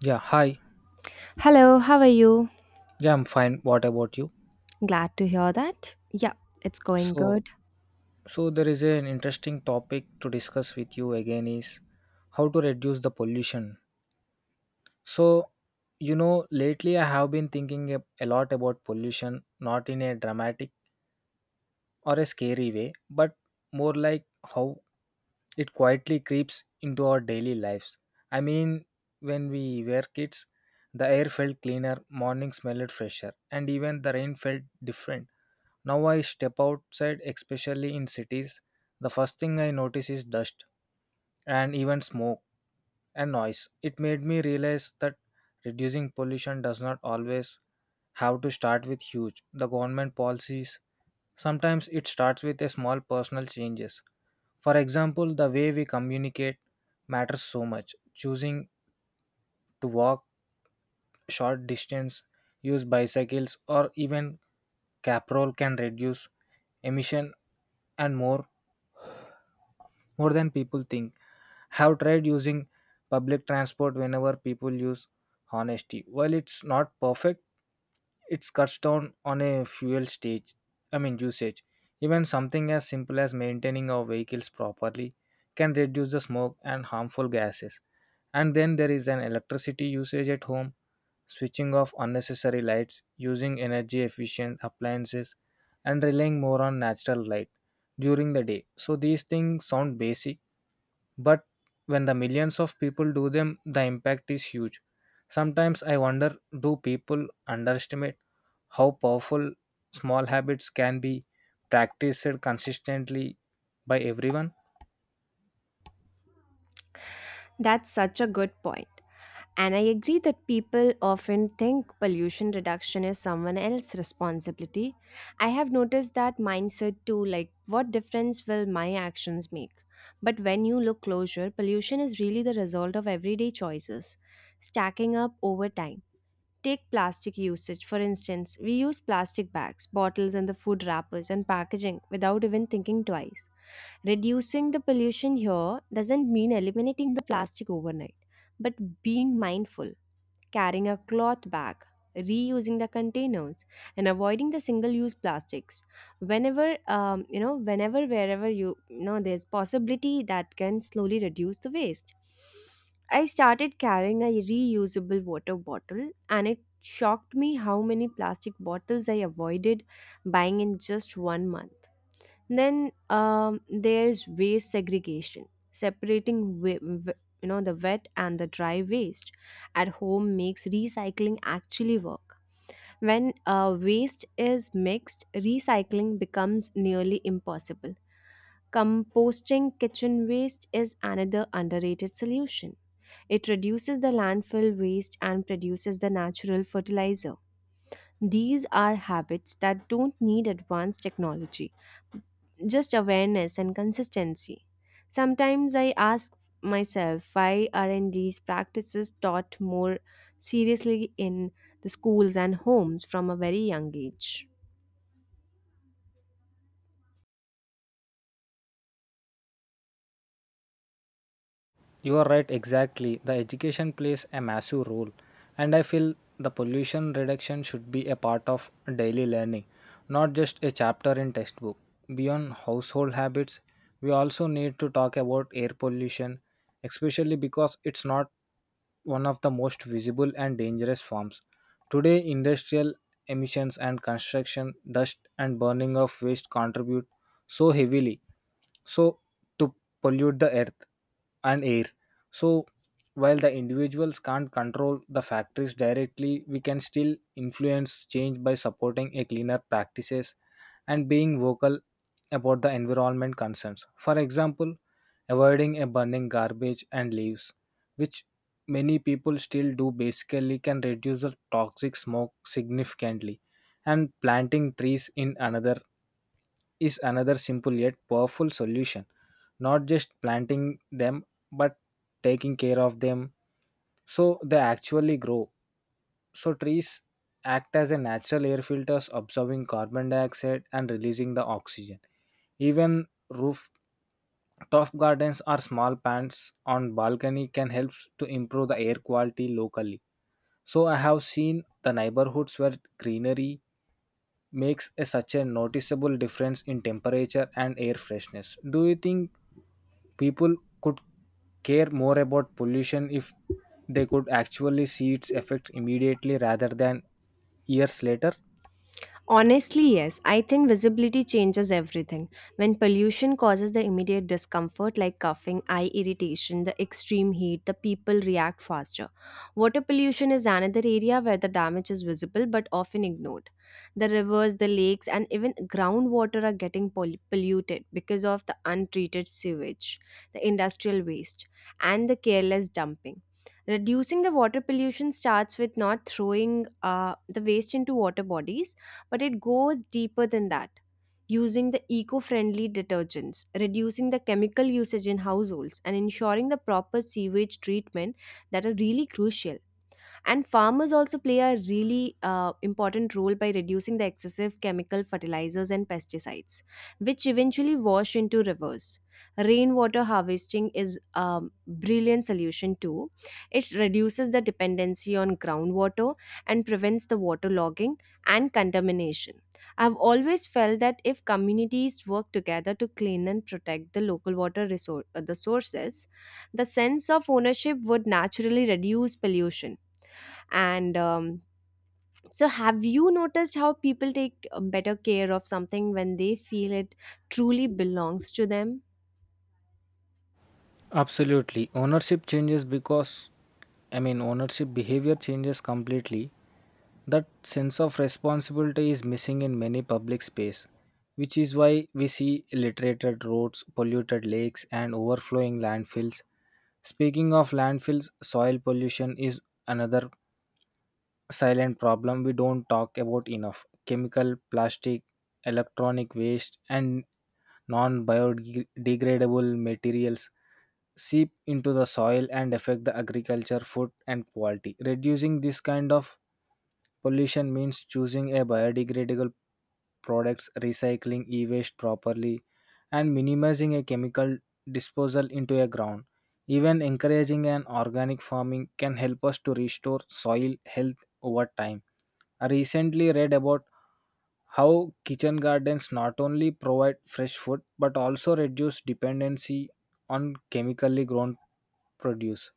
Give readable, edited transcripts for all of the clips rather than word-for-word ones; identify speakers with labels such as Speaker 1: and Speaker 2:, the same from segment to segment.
Speaker 1: Yeah, hi.
Speaker 2: Hello, how are you?
Speaker 1: Yeah, I'm fine. What about you?
Speaker 2: Glad to hear that. Yeah, it's going
Speaker 1: So,
Speaker 2: good.
Speaker 1: so there is an interesting topic to discuss with you again is how to reduce the pollution. So, you know, lately I have been thinking a lot about pollution, not in a dramatic or a scary way, but more like how it quietly creeps into our daily lives. I mean, when we were kids, the air felt cleaner, morning smelled fresher, and even the rain felt different. Now I step outside, especially in cities, the first thing I notice is dust and even smoke and noise. It made me realize that reducing pollution does not always have to start with huge the government policies. Sometimes it starts with a small personal changes. For example, the way we communicate matters so much. Choosing to walk short distance, use bicycles or even caprol can reduce emission and more than people think. Have tried using public transport whenever people use honesty. While it's not perfect, it cuts down on a fuel stage. I mean usage. Even something as simple as maintaining our vehicles properly can reduce the smoke and harmful gases. And then there is an electricity usage at home, switching off unnecessary lights, using energy efficient appliances, and relying more on natural light during the day. So these things sound basic, but when the millions of people do them, the impact is huge. Sometimes I wonder do people underestimate how powerful small habits can be practiced consistently by everyone?
Speaker 2: That's such a good point. And I agree that people often think pollution reduction is someone else's responsibility. I have noticed that mindset too, like what difference will my actions make? But when you look closer, pollution is really the result of everyday choices stacking up over time. Take plastic usage, for instance, we use plastic bags, bottles, and the food wrappers and packaging without even thinking twice. Reducing the pollution here doesn't mean eliminating the plastic overnight, but being mindful carrying a cloth bag, reusing the containers, and avoiding the single-use plastics. Whenever, wherever you, there's possibility that can slowly reduce the waste. I started carrying a reusable water bottle, and it shocked me how many plastic bottles I avoided buying in just one month. Then there's waste segregation, separating the wet and the dry waste at home makes recycling actually work. When waste is mixed, recycling becomes nearly impossible. Composting kitchen waste is another underrated solution. It reduces the landfill waste and produces the natural fertilizer. These are habits that don't need advanced technology, just awareness and consistency. Sometimes I ask myself, why aren't these practices taught more seriously in the schools and homes from a very young age?
Speaker 1: You are right, exactly. The education plays a massive role, and I feel the pollution reduction should be a part of daily learning, not just a chapter in textbook. Beyond household habits, we also need to talk about air pollution, especially because it's not one of the most visible and dangerous forms. Today, industrial emissions and construction dust and burning of waste contribute so heavily so to pollute the earth and air. So while the individuals can't control the factories directly, we can still influence change by supporting a cleaner practices and being vocal about the environment concerns. For example, avoiding a burning garbage and leaves, which many people still do basically can reduce the toxic smoke significantly and planting trees in another is another simple yet powerful solution not just planting them but taking care of them so they actually grow so trees act as a natural air filters absorbing carbon dioxide and releasing the oxygen even roof. Top gardens or small plants on balcony can help to improve the air quality locally. So I have seen the neighborhoods where greenery makes a, such a noticeable difference in temperature and air freshness. Do you think people could care more about pollution if they could actually see its effects immediately rather than years later?
Speaker 2: Honestly, yes. I think visibility changes everything. When pollution causes the immediate discomfort like coughing, eye irritation, the extreme heat, the people react faster. Water pollution is another area where the damage is visible but often ignored. The rivers, the lakes, and even groundwater are getting polluted because of the untreated sewage, the industrial waste, and the careless dumping. Reducing the water pollution starts with not throwing the waste into water bodies, but it goes deeper than that. Using the eco friendly detergents, reducing the chemical usage in households, and ensuring the proper sewage treatment, that are really crucial. And farmers also play a really important role by reducing the excessive chemical fertilizers and pesticides, which eventually wash into rivers. Rainwater harvesting is a brilliant solution too. It reduces the dependency on groundwater and prevents the water logging and contamination. I've always felt that if communities work together to clean and protect the local water resource, the sources, the sense of ownership would naturally reduce pollution. And so, have you noticed how people take better care of something when they feel it truly belongs to them?
Speaker 1: Absolutely. Ownership changes because, I mean, ownership behavior changes completely. That sense of responsibility is missing in many public space, which is why we see littered roads, polluted lakes, and overflowing landfills. Speaking of landfills, soil pollution is another silent problem we don't talk about enough. Chemical, plastic, electronic waste, and non biodegradable materials seep into the soil and affect the agriculture, food, and quality. Reducing this kind of pollution means choosing a biodegradable products, recycling e-waste properly, and minimizing a chemical disposal into a ground. Even encouraging an organic farming can help us to restore soil health over time. I recently read about how kitchen gardens not only provide fresh food but also reduce dependency on chemically grown produce.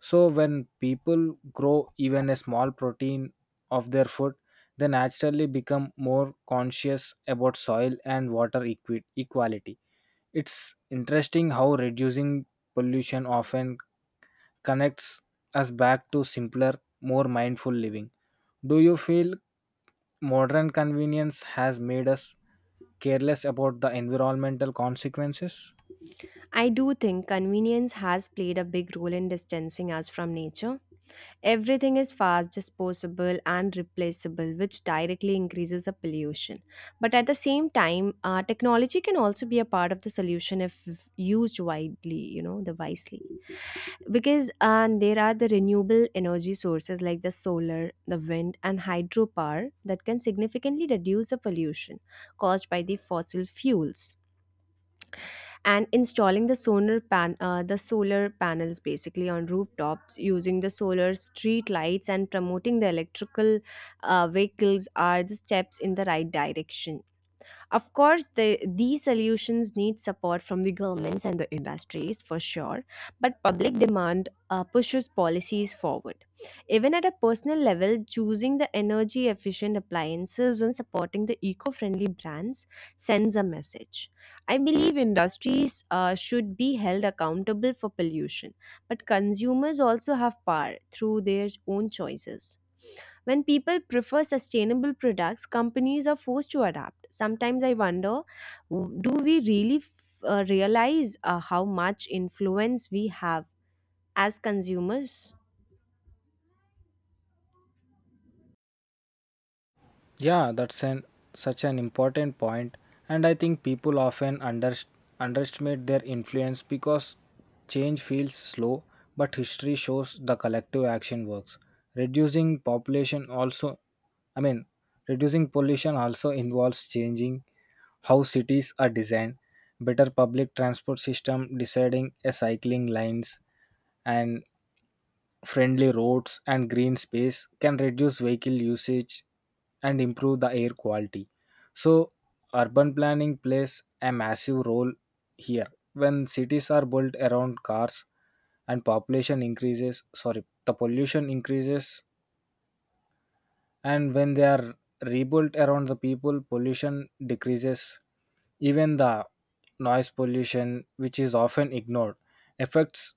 Speaker 1: So when people grow even a small protein of their food, they naturally become more conscious about soil and water equality. It's interesting how reducing pollution often connects us back to simpler, more mindful living. Do you feel modern convenience has made us careless about the environmental consequences?
Speaker 2: I do think convenience has played a big role in distancing us from nature. Everything is fast, disposable, and replaceable, which directly increases the pollution. But at the same time, technology can also be a part of the solution if used widely, you know, the wisely. Because there are the renewable energy sources like the solar, the wind, and hydropower that can significantly reduce the pollution caused by the fossil fuels. And installing the solar panels basically on rooftops, using the solar street lights, and promoting the electrical vehicles are the steps in the right direction. Of course, these solutions need support from the governments and the industries for sure, but public demand pushes policies forward. Even at a personal level, choosing the energy efficient appliances and supporting the eco friendly brands sends a message. I believe industries should be held accountable for pollution, but consumers also have power through their own choices. When people prefer sustainable products, companies are forced to adapt. Sometimes I wonder, do we really realize how much influence we have as consumers?
Speaker 1: Yeah, that's an such an important point, and I think people often underestimate their influence because change feels slow, but history shows the collective action works. Reducing population also, I mean, reducing pollution also involves changing how cities are designed, better public transport system, deciding a cycling lines, and friendly roads and green space can reduce vehicle usage and improve the air quality. So, urban planning plays a massive role here. When cities are built around cars and population increases, sorry, the pollution increases and when they are rebuilt around the people pollution decreases even the noise pollution which is often ignored affects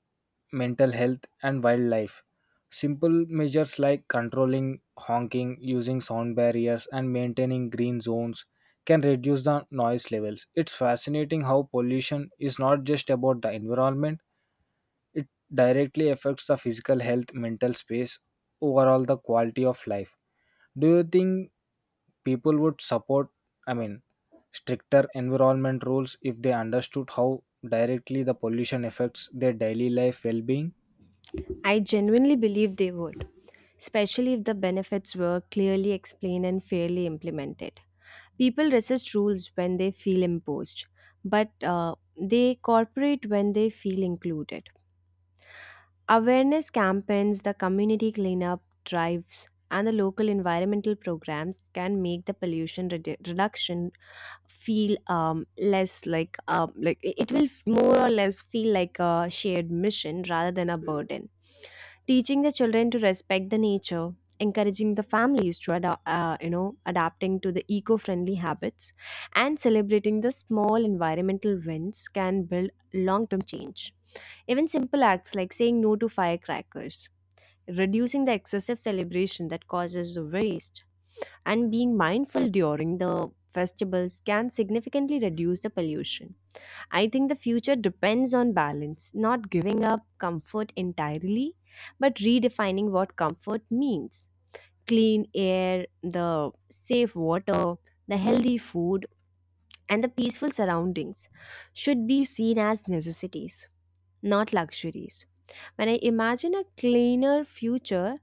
Speaker 1: mental health and wildlife simple measures like controlling honking using sound barriers and maintaining green zones can reduce the noise levels. It's fascinating how pollution is not just about the environment, it directly affects the physical health, mental space, overall the quality of life. Do you think people would support, I mean, stricter environment rules if they understood how directly the pollution affects their daily life well being?
Speaker 2: I genuinely believe they would, especially if the benefits were clearly explained and fairly implemented. People resist rules when they feel imposed, but they cooperate when they feel included. Awareness campaigns, the community cleanup drives, and the local environmental programs can make the pollution reduction feel less, like more or less feel like a shared mission rather than a burden. Teaching the children to respect the nature, encouraging the families to adapting to the eco-friendly habits, and celebrating the small environmental wins can build long-term change. Even simple acts like saying no to firecrackers, reducing the excessive celebration that causes the waste, and being mindful during the festivals can significantly reduce the pollution. I think the future depends on balance, not giving up comfort entirely, but redefining what comfort means. Clean air, the safe water, the healthy food, and the peaceful surroundings should be seen as necessities, not luxuries. When I imagine a cleaner future,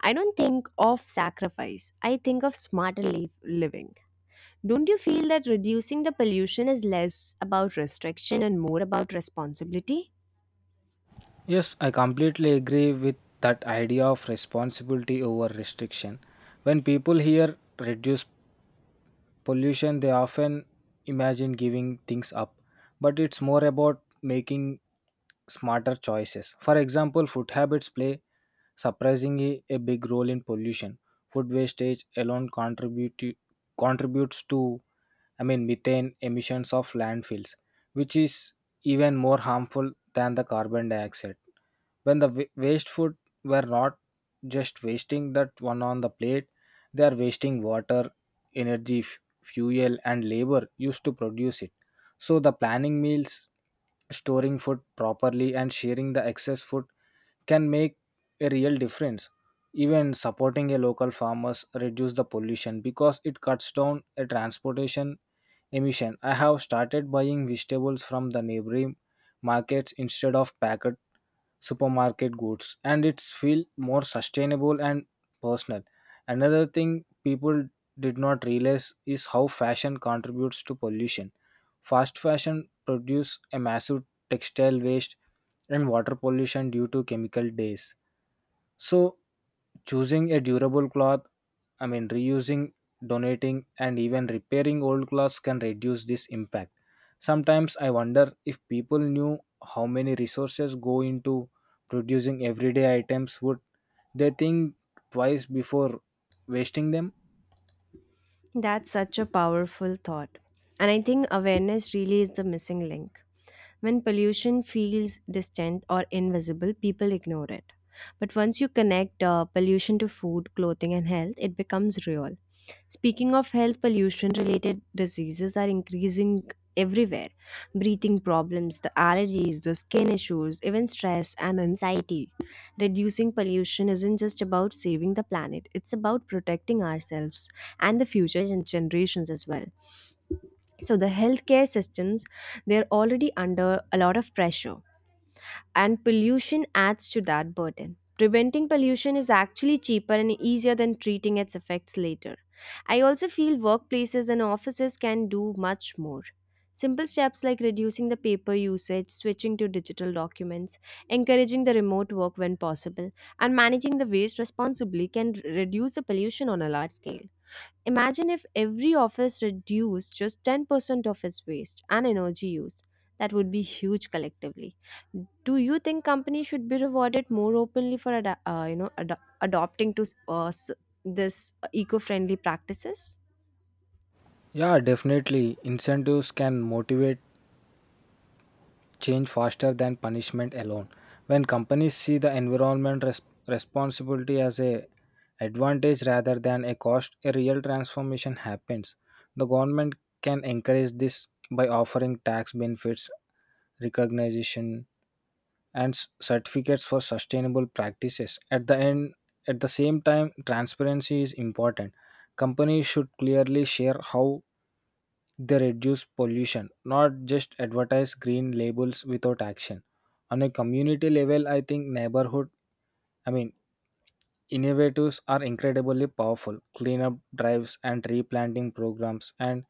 Speaker 2: I don't think of sacrifice. I think of smarter living. Don't you feel that reducing the pollution is less about restriction and more about responsibility?
Speaker 1: Yes, I completely agree with that idea of responsibility over restriction. When people hear reduce pollution, they often imagine giving things up, but it's more about making smarter choices. For example, food habits play surprisingly a big role in pollution. Food wastage alone contributes to I mean methane emissions of landfills, which is even more harmful than the carbon dioxide. When the waste food were not just wasting that one on the plate, they are wasting water, energy, fuel, and labor used to produce it. So the planning meals, storing food properly, and sharing the excess food can make a real difference. Even supporting a local farmers reduce the pollution because it cuts down a transportation emission. I have started buying vegetables from the neighboring markets instead of packed supermarket goods and it's feel more sustainable and personal. Another thing people did not realize is how fashion contributes to pollution. Fast fashion produce a massive textile waste and water pollution due to chemical days. So choosing a durable cloth, I mean reusing, donating and even repairing old clothes can reduce this impact. Sometimes I wonder if people knew how many resources go into producing everyday items, would they think twice before wasting them?
Speaker 2: That's such a powerful thought. And I think awareness really is the missing link. When pollution feels distant or invisible, people ignore it. But once you connect pollution to food, clothing, and health, it becomes real. Speaking of health, pollution related diseases are increasing everywhere: breathing problems, the allergies, the skin issues, even stress and anxiety. Reducing pollution isn't just about saving the planet, it's about protecting ourselves and the future generations as well. So, the healthcare systems, they're already under a lot of pressure, and pollution adds to that burden. Preventing pollution is actually cheaper and easier than treating its effects later. I also feel workplaces and offices can do much more. Simple steps like reducing the paper usage, switching to digital documents, encouraging the remote work when possible, and managing the waste responsibly can reduce the pollution on a large scale. Imagine if every office reduced just 10% of its waste and energy use. That would be huge collectively. Do you think companies should be rewarded more openly for adopting to this eco-friendly practices?
Speaker 1: Yeah, definitely incentives can motivate change faster than punishment alone. When companies see the environment responsibility as a advantage rather than a cost, a real transformation happens. The government can encourage this by offering tax benefits, recognition, and certificates for sustainable practices. At the end, at the same time, transparency is important. Companies should clearly share how they reduce pollution, not just advertise green labels without action. On a community level, I think neighborhood, I mean, innovatives are incredibly powerful. Cleanup drives and replanting programs and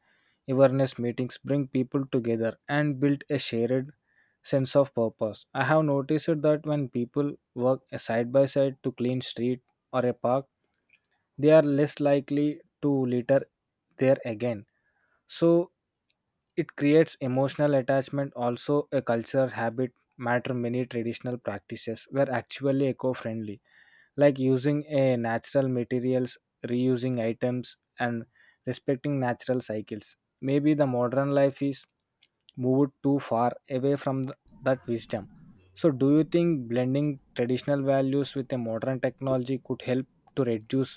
Speaker 1: awareness meetings bring people together and build a shared sense of purpose. I have noticed that when people work side by side to clean street or a park, they are less likely to litter there again. So it creates emotional attachment also a cultural habit matter. Many traditional practices were actually eco-friendly, like using a natural materials, reusing items and respecting natural cycles. Maybe the modern life is moved too far away from that wisdom. So do you think blending traditional values with a modern technology could help to reduce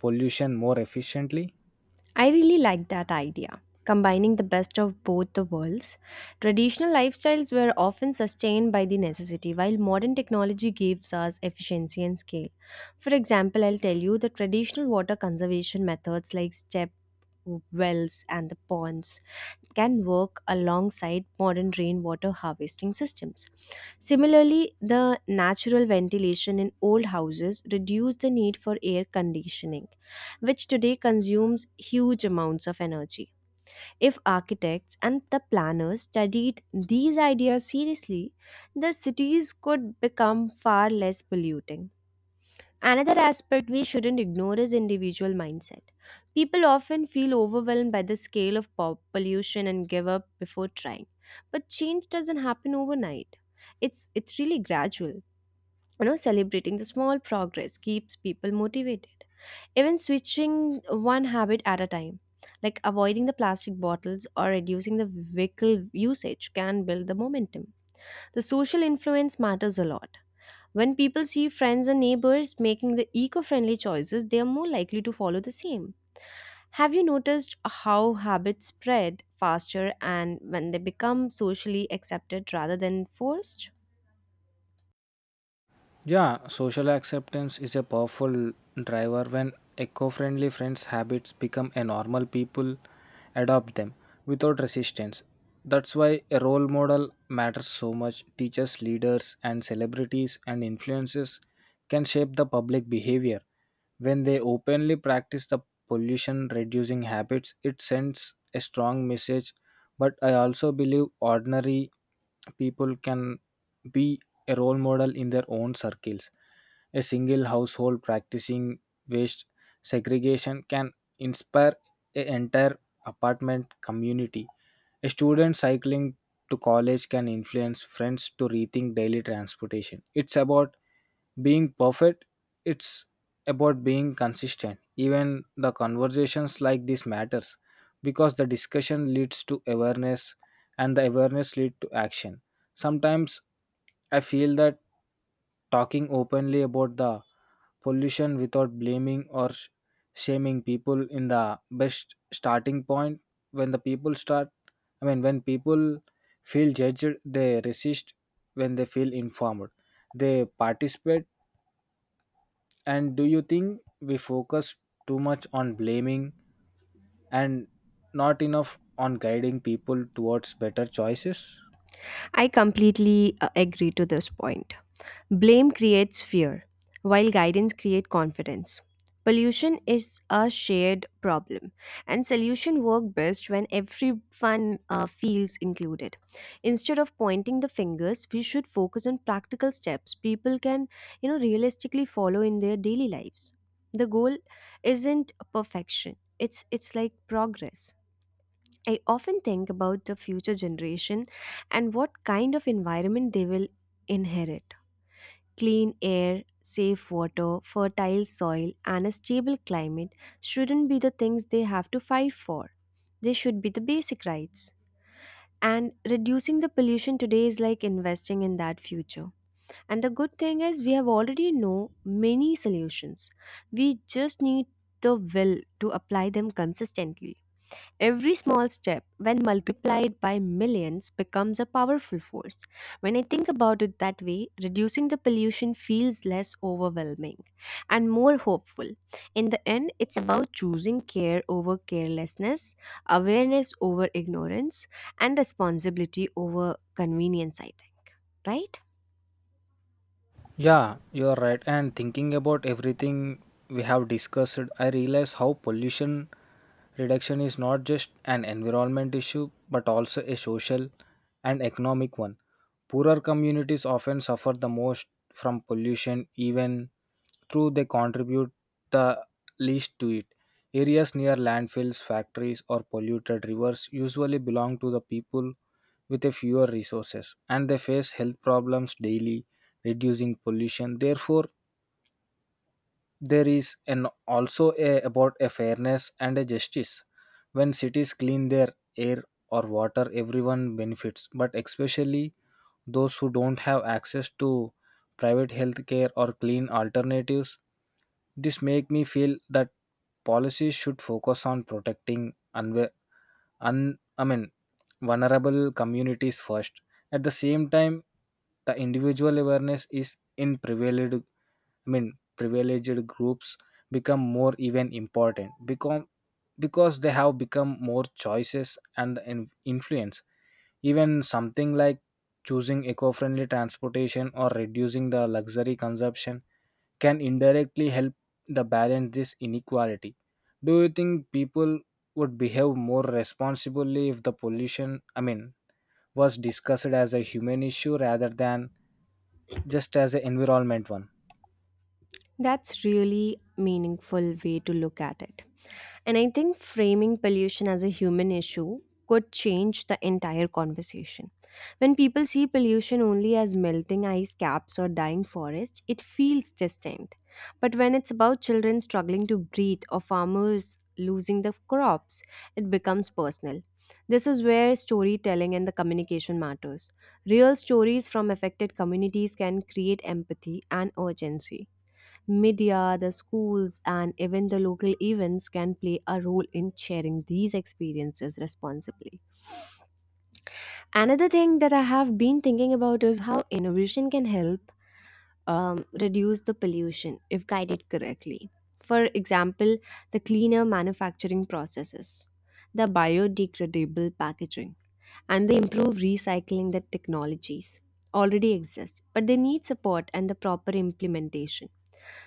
Speaker 1: pollution more efficiently?
Speaker 2: I really like that idea, combining the best of both the worlds. Traditional lifestyles were often sustained by the necessity, while modern technology gives us efficiency and scale. For example, I'll tell you, the traditional water conservation methods like step wells and the ponds can work alongside modern rainwater harvesting systems. Similarly, the natural ventilation in old houses reduced the need for air conditioning, which today consumes huge amounts of energy. If architects and the planners studied these ideas seriously, the cities could become far less polluting. Another aspect we shouldn't ignore is individual mindset. People often feel overwhelmed by the scale of pollution and give up before trying. But change doesn't happen overnight. It's really gradual. You know, celebrating the small progress keeps people motivated. Even switching one habit at a time, like avoiding the plastic bottles or reducing the vehicle usage, can build the momentum. The social influence matters a lot. When people see friends and neighbors making the eco friendly choices, they are more likely to follow the same. Have you noticed how habits spread faster and when they become socially accepted rather than forced?
Speaker 1: Yeah, social acceptance is a powerful driver. When eco-friendly friends habits become a normal, people adopt them without resistance. That's why a role model matters so much. Teachers, leaders and celebrities and influences can shape the public behavior. When they openly practice the pollution reducing habits, it sends a strong message. But I also believe ordinary people can be a role model in their own circles. A single household practicing waste segregation can inspire an entire apartment community. A student cycling to college can influence friends to rethink daily transportation. It's about being perfect, it's about being consistent. Even the conversations like this matters because the discussion leads to awareness and the awareness lead to action. Sometimes I feel that talking openly about the pollution without blaming or shaming people in the best starting point. When the people start, I mean, when people feel judged, they resist. When they feel informed, they participate. And do you think we focus too much on blaming and not enough on guiding people towards better choices?
Speaker 2: I completely agree to this point. Blame creates fear, while guidance creates confidence. Pollution is a shared problem, and solution work best when everyone feels included. Instead of pointing the fingers, we should focus on practical steps people can, realistically follow in their daily lives. The goal isn't perfection; it's like progress. I often think about the future generation and what kind of environment they will inherit. Clean air, safe water, fertile soil, and a stable climate shouldn't be the things they have to fight for. They should be the basic rights. And reducing the pollution today is like investing in that future. And the good thing is, we have already know many solutions. We just need the will to apply them consistently. Every small step, when multiplied by millions, becomes a powerful force. When I think about it that way, reducing the pollution feels less overwhelming and more hopeful. In the end, it's about choosing care over carelessness, awareness over ignorance, and responsibility over convenience, I think, right?
Speaker 1: Yeah, you are right. And thinking about everything we have discussed, I realize how pollution reduction is not just an environment issue but also a social and economic one. Poorer communities often suffer the most from pollution, even though they contribute the least to it. Areas near landfills, factories, or polluted rivers usually belong to the people with a fewer resources and they face health problems daily. Reducing pollution therefore there is an also a, about a fairness and a justice. When cities clean their air or water everyone benefits, but especially those who don't have access to private health care or clean alternatives. This make me feel that policies should focus on protecting unwa- un I mean vulnerable communities first. At the same time, the individual awareness is in privileged, I mean, privileged groups become more even important, become because they have become more choices and influence. Even something like choosing eco-friendly transportation or reducing the luxury consumption can indirectly help the balance this inequality. Do you think people would behave more responsibly if the pollution, I mean, was discussed as a human issue rather than just as an environment one?
Speaker 2: That's really meaningful way to look at it. And I think framing pollution as a human issue could change the entire conversation. When people see pollution only as melting ice caps or dying forests, it feels distant. But when it's about children struggling to breathe or farmers losing the crops, it becomes personal. This is where storytelling and the communication matters. Real stories from affected communities can create empathy and urgency. Media, the schools, and even the local events can play a role in sharing these experiences responsibly. Another thing that I have been thinking about is how innovation can help reduce the pollution if guided correctly. For example, the cleaner manufacturing processes, the biodegradable packaging, and the improved recycling, that technologies already exist, but they need support and the proper implementation.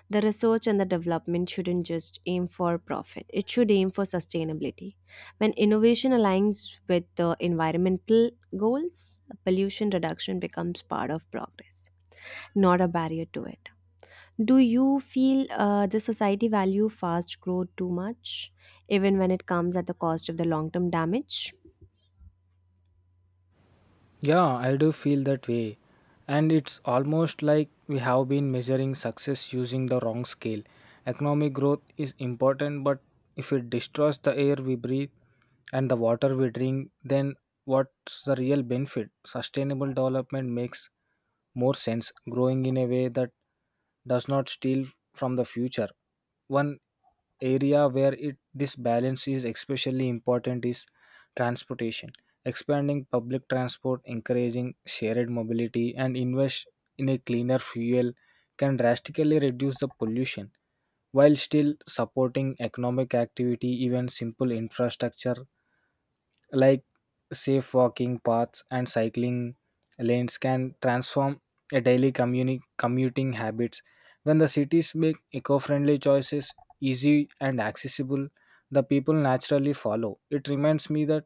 Speaker 2: The research and the development shouldn't just aim for profit, it should aim for sustainability. When innovation aligns with the environmental goals, pollution reduction becomes part of progress, not a barrier to it. Do you feel the society value fast growth too much, even when it comes at the cost of the long term damage?
Speaker 1: Yeah, I do feel that way. And it's almost like we have been measuring success using the wrong scale. Economic growth is important, but if it destroys the air we breathe and the water we drink, then what's the real benefit? Sustainable development makes more sense, growing in a way that does not steal from the future. One area where this balance is especially important is transportation. Expanding public transport, encouraging shared mobility, and invest in a cleaner fuel can drastically reduce the pollution while still supporting economic activity. Even simple infrastructure like safe walking paths and cycling lanes can transform a daily commuting habits. When the cities make eco-friendly choices easy and accessible, the people naturally follow. It reminds me that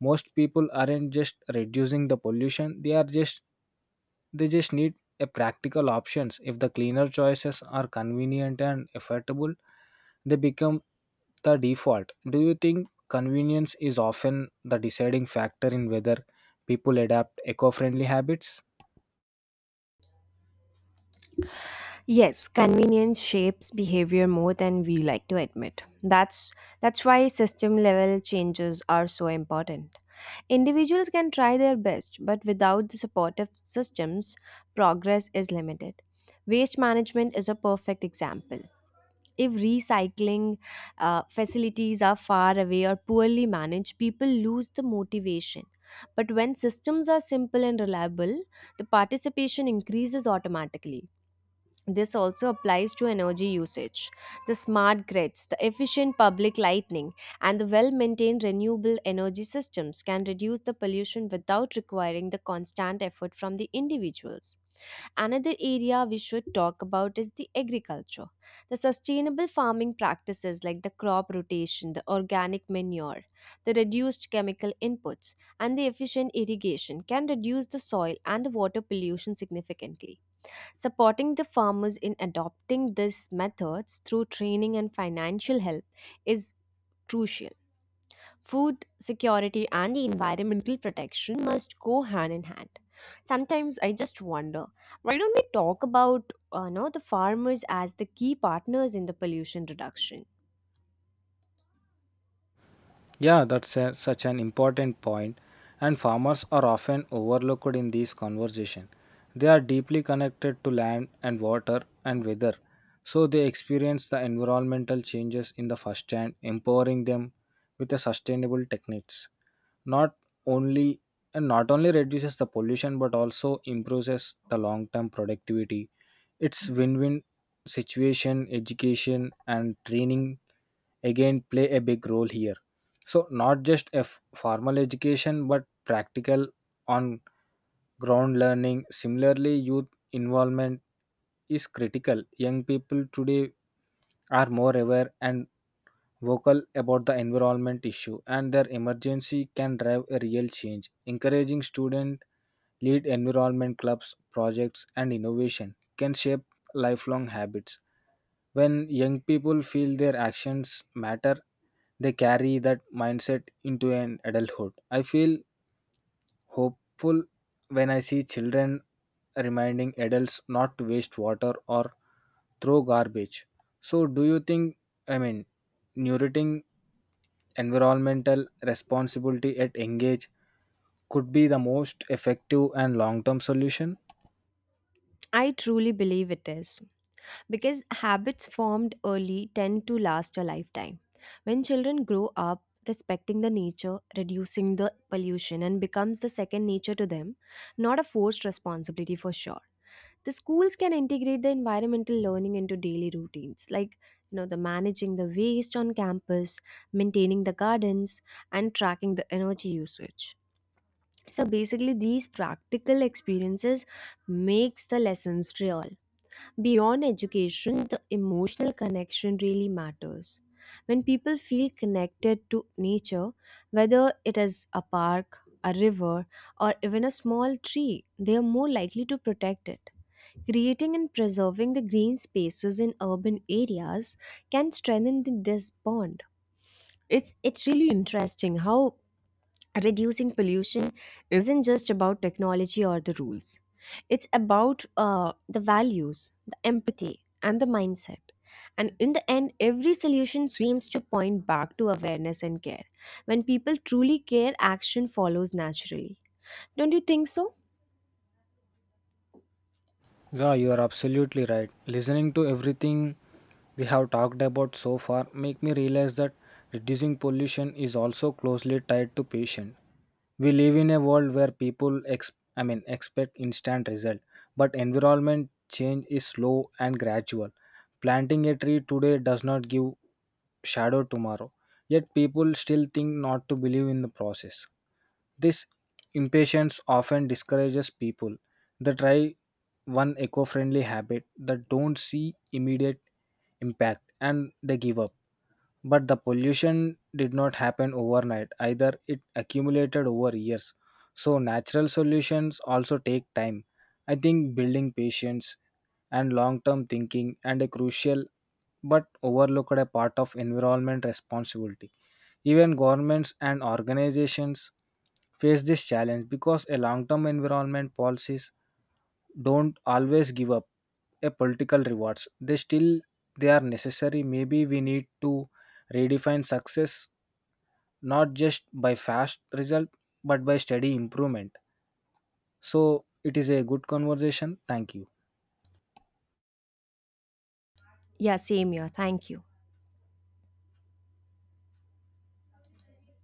Speaker 1: most people aren't just reducing the pollution, they just need a practical options. If the cleaner choices are convenient and affordable, they become the default. Do you think convenience is often the deciding factor in whether people adapt eco friendly habits?
Speaker 2: Yes, convenience shapes behavior more than we like to admit. That's that's why system level changes are so important. Individuals can try their best, but without the supportive systems, progress is limited. Waste management is a perfect example. If recycling facilities are far away or poorly managed, people lose the motivation. But when systems are simple and reliable, the participation increases automatically. This also applies to energy usage. The smart grids, the efficient public lighting, and the well maintained renewable energy systems can reduce the pollution without requiring the constant effort from the individuals. Another area we should talk about is the agriculture. The sustainable farming practices like the crop rotation, the organic manure, the reduced chemical inputs, and the efficient irrigation can reduce the soil and the water pollution significantly. Supporting the farmers in adopting these methods through training and financial help is crucial. Food security and the environmental protection must go hand in hand. Sometimes I just wonder, why don't we talk about no, the farmers as the key partners in the pollution reduction?
Speaker 1: Yeah, that's such an important point, and farmers are often overlooked in these conversations. They are deeply connected to land and water and weather, so they experience the environmental changes in the first hand, empowering them with the sustainable techniques. Not only not only reduces the pollution but also improves the long-term productivity. It's win-win situation. Education and training again play a big role here. So, not just a formal education, but practical on ground learning. Similarly, youth involvement is critical. Young people today are more aware and vocal about the environment issue, and their emergency can drive a real change. Encouraging student lead environment clubs, projects, and innovation can shape lifelong habits. When young people feel their actions matter, they carry that mindset into an adulthood. I feel hopeful when I see children reminding adults not to waste water or throw garbage. So, do you think, I mean, nurturing environmental responsibility at engage could be the most effective and long term solution?
Speaker 2: I truly believe it is. Because habits formed early tend to last a lifetime. When children grow up respecting the nature, reducing the pollution, and becomes the second nature to them, not a forced responsibility for sure. The schools can integrate the environmental learning into daily routines, like the managing the waste on campus, maintaining the gardens, and tracking the energy usage. So basically, these practical experiences makes the lessons real. Beyond education, the emotional connection really matters. When people feel connected to nature, whether it is a park, a river, or even a small tree, they are more likely to protect it. Creating and preserving the green spaces in urban areas can strengthen this bond. It's really interesting how reducing pollution isn't just about technology or the rules. It's about the values, the empathy, and the mindset. And in the end, every solution seems to point back to awareness and care. When people truly care, action follows naturally. Don't you think so?
Speaker 1: Yeah, you are absolutely right. Listening to everything we have talked about so far make me realize that reducing pollution is also closely tied to patient. We live in a world where people, I mean, expect instant result, but environment change is slow and gradual. Planting a tree today does not give shadow tomorrow. Yet people still think not to believe in the process. This impatience often discourages people. They try one eco-friendly habit that don't see immediate impact, and they give up. But the pollution did not happen overnight either. It accumulated over years, so natural solutions also take time. I think building patience and long-term thinking and a crucial but overlooked a part of environment responsibility. Even governments and organizations face this challenge, because a long-term environment policies don't always give up a political rewards. They are necessary. Maybe we need to redefine success, not just by fast result, but by steady improvement. So it is a good conversation. Thank you.
Speaker 2: Yeah, same here. Thank you.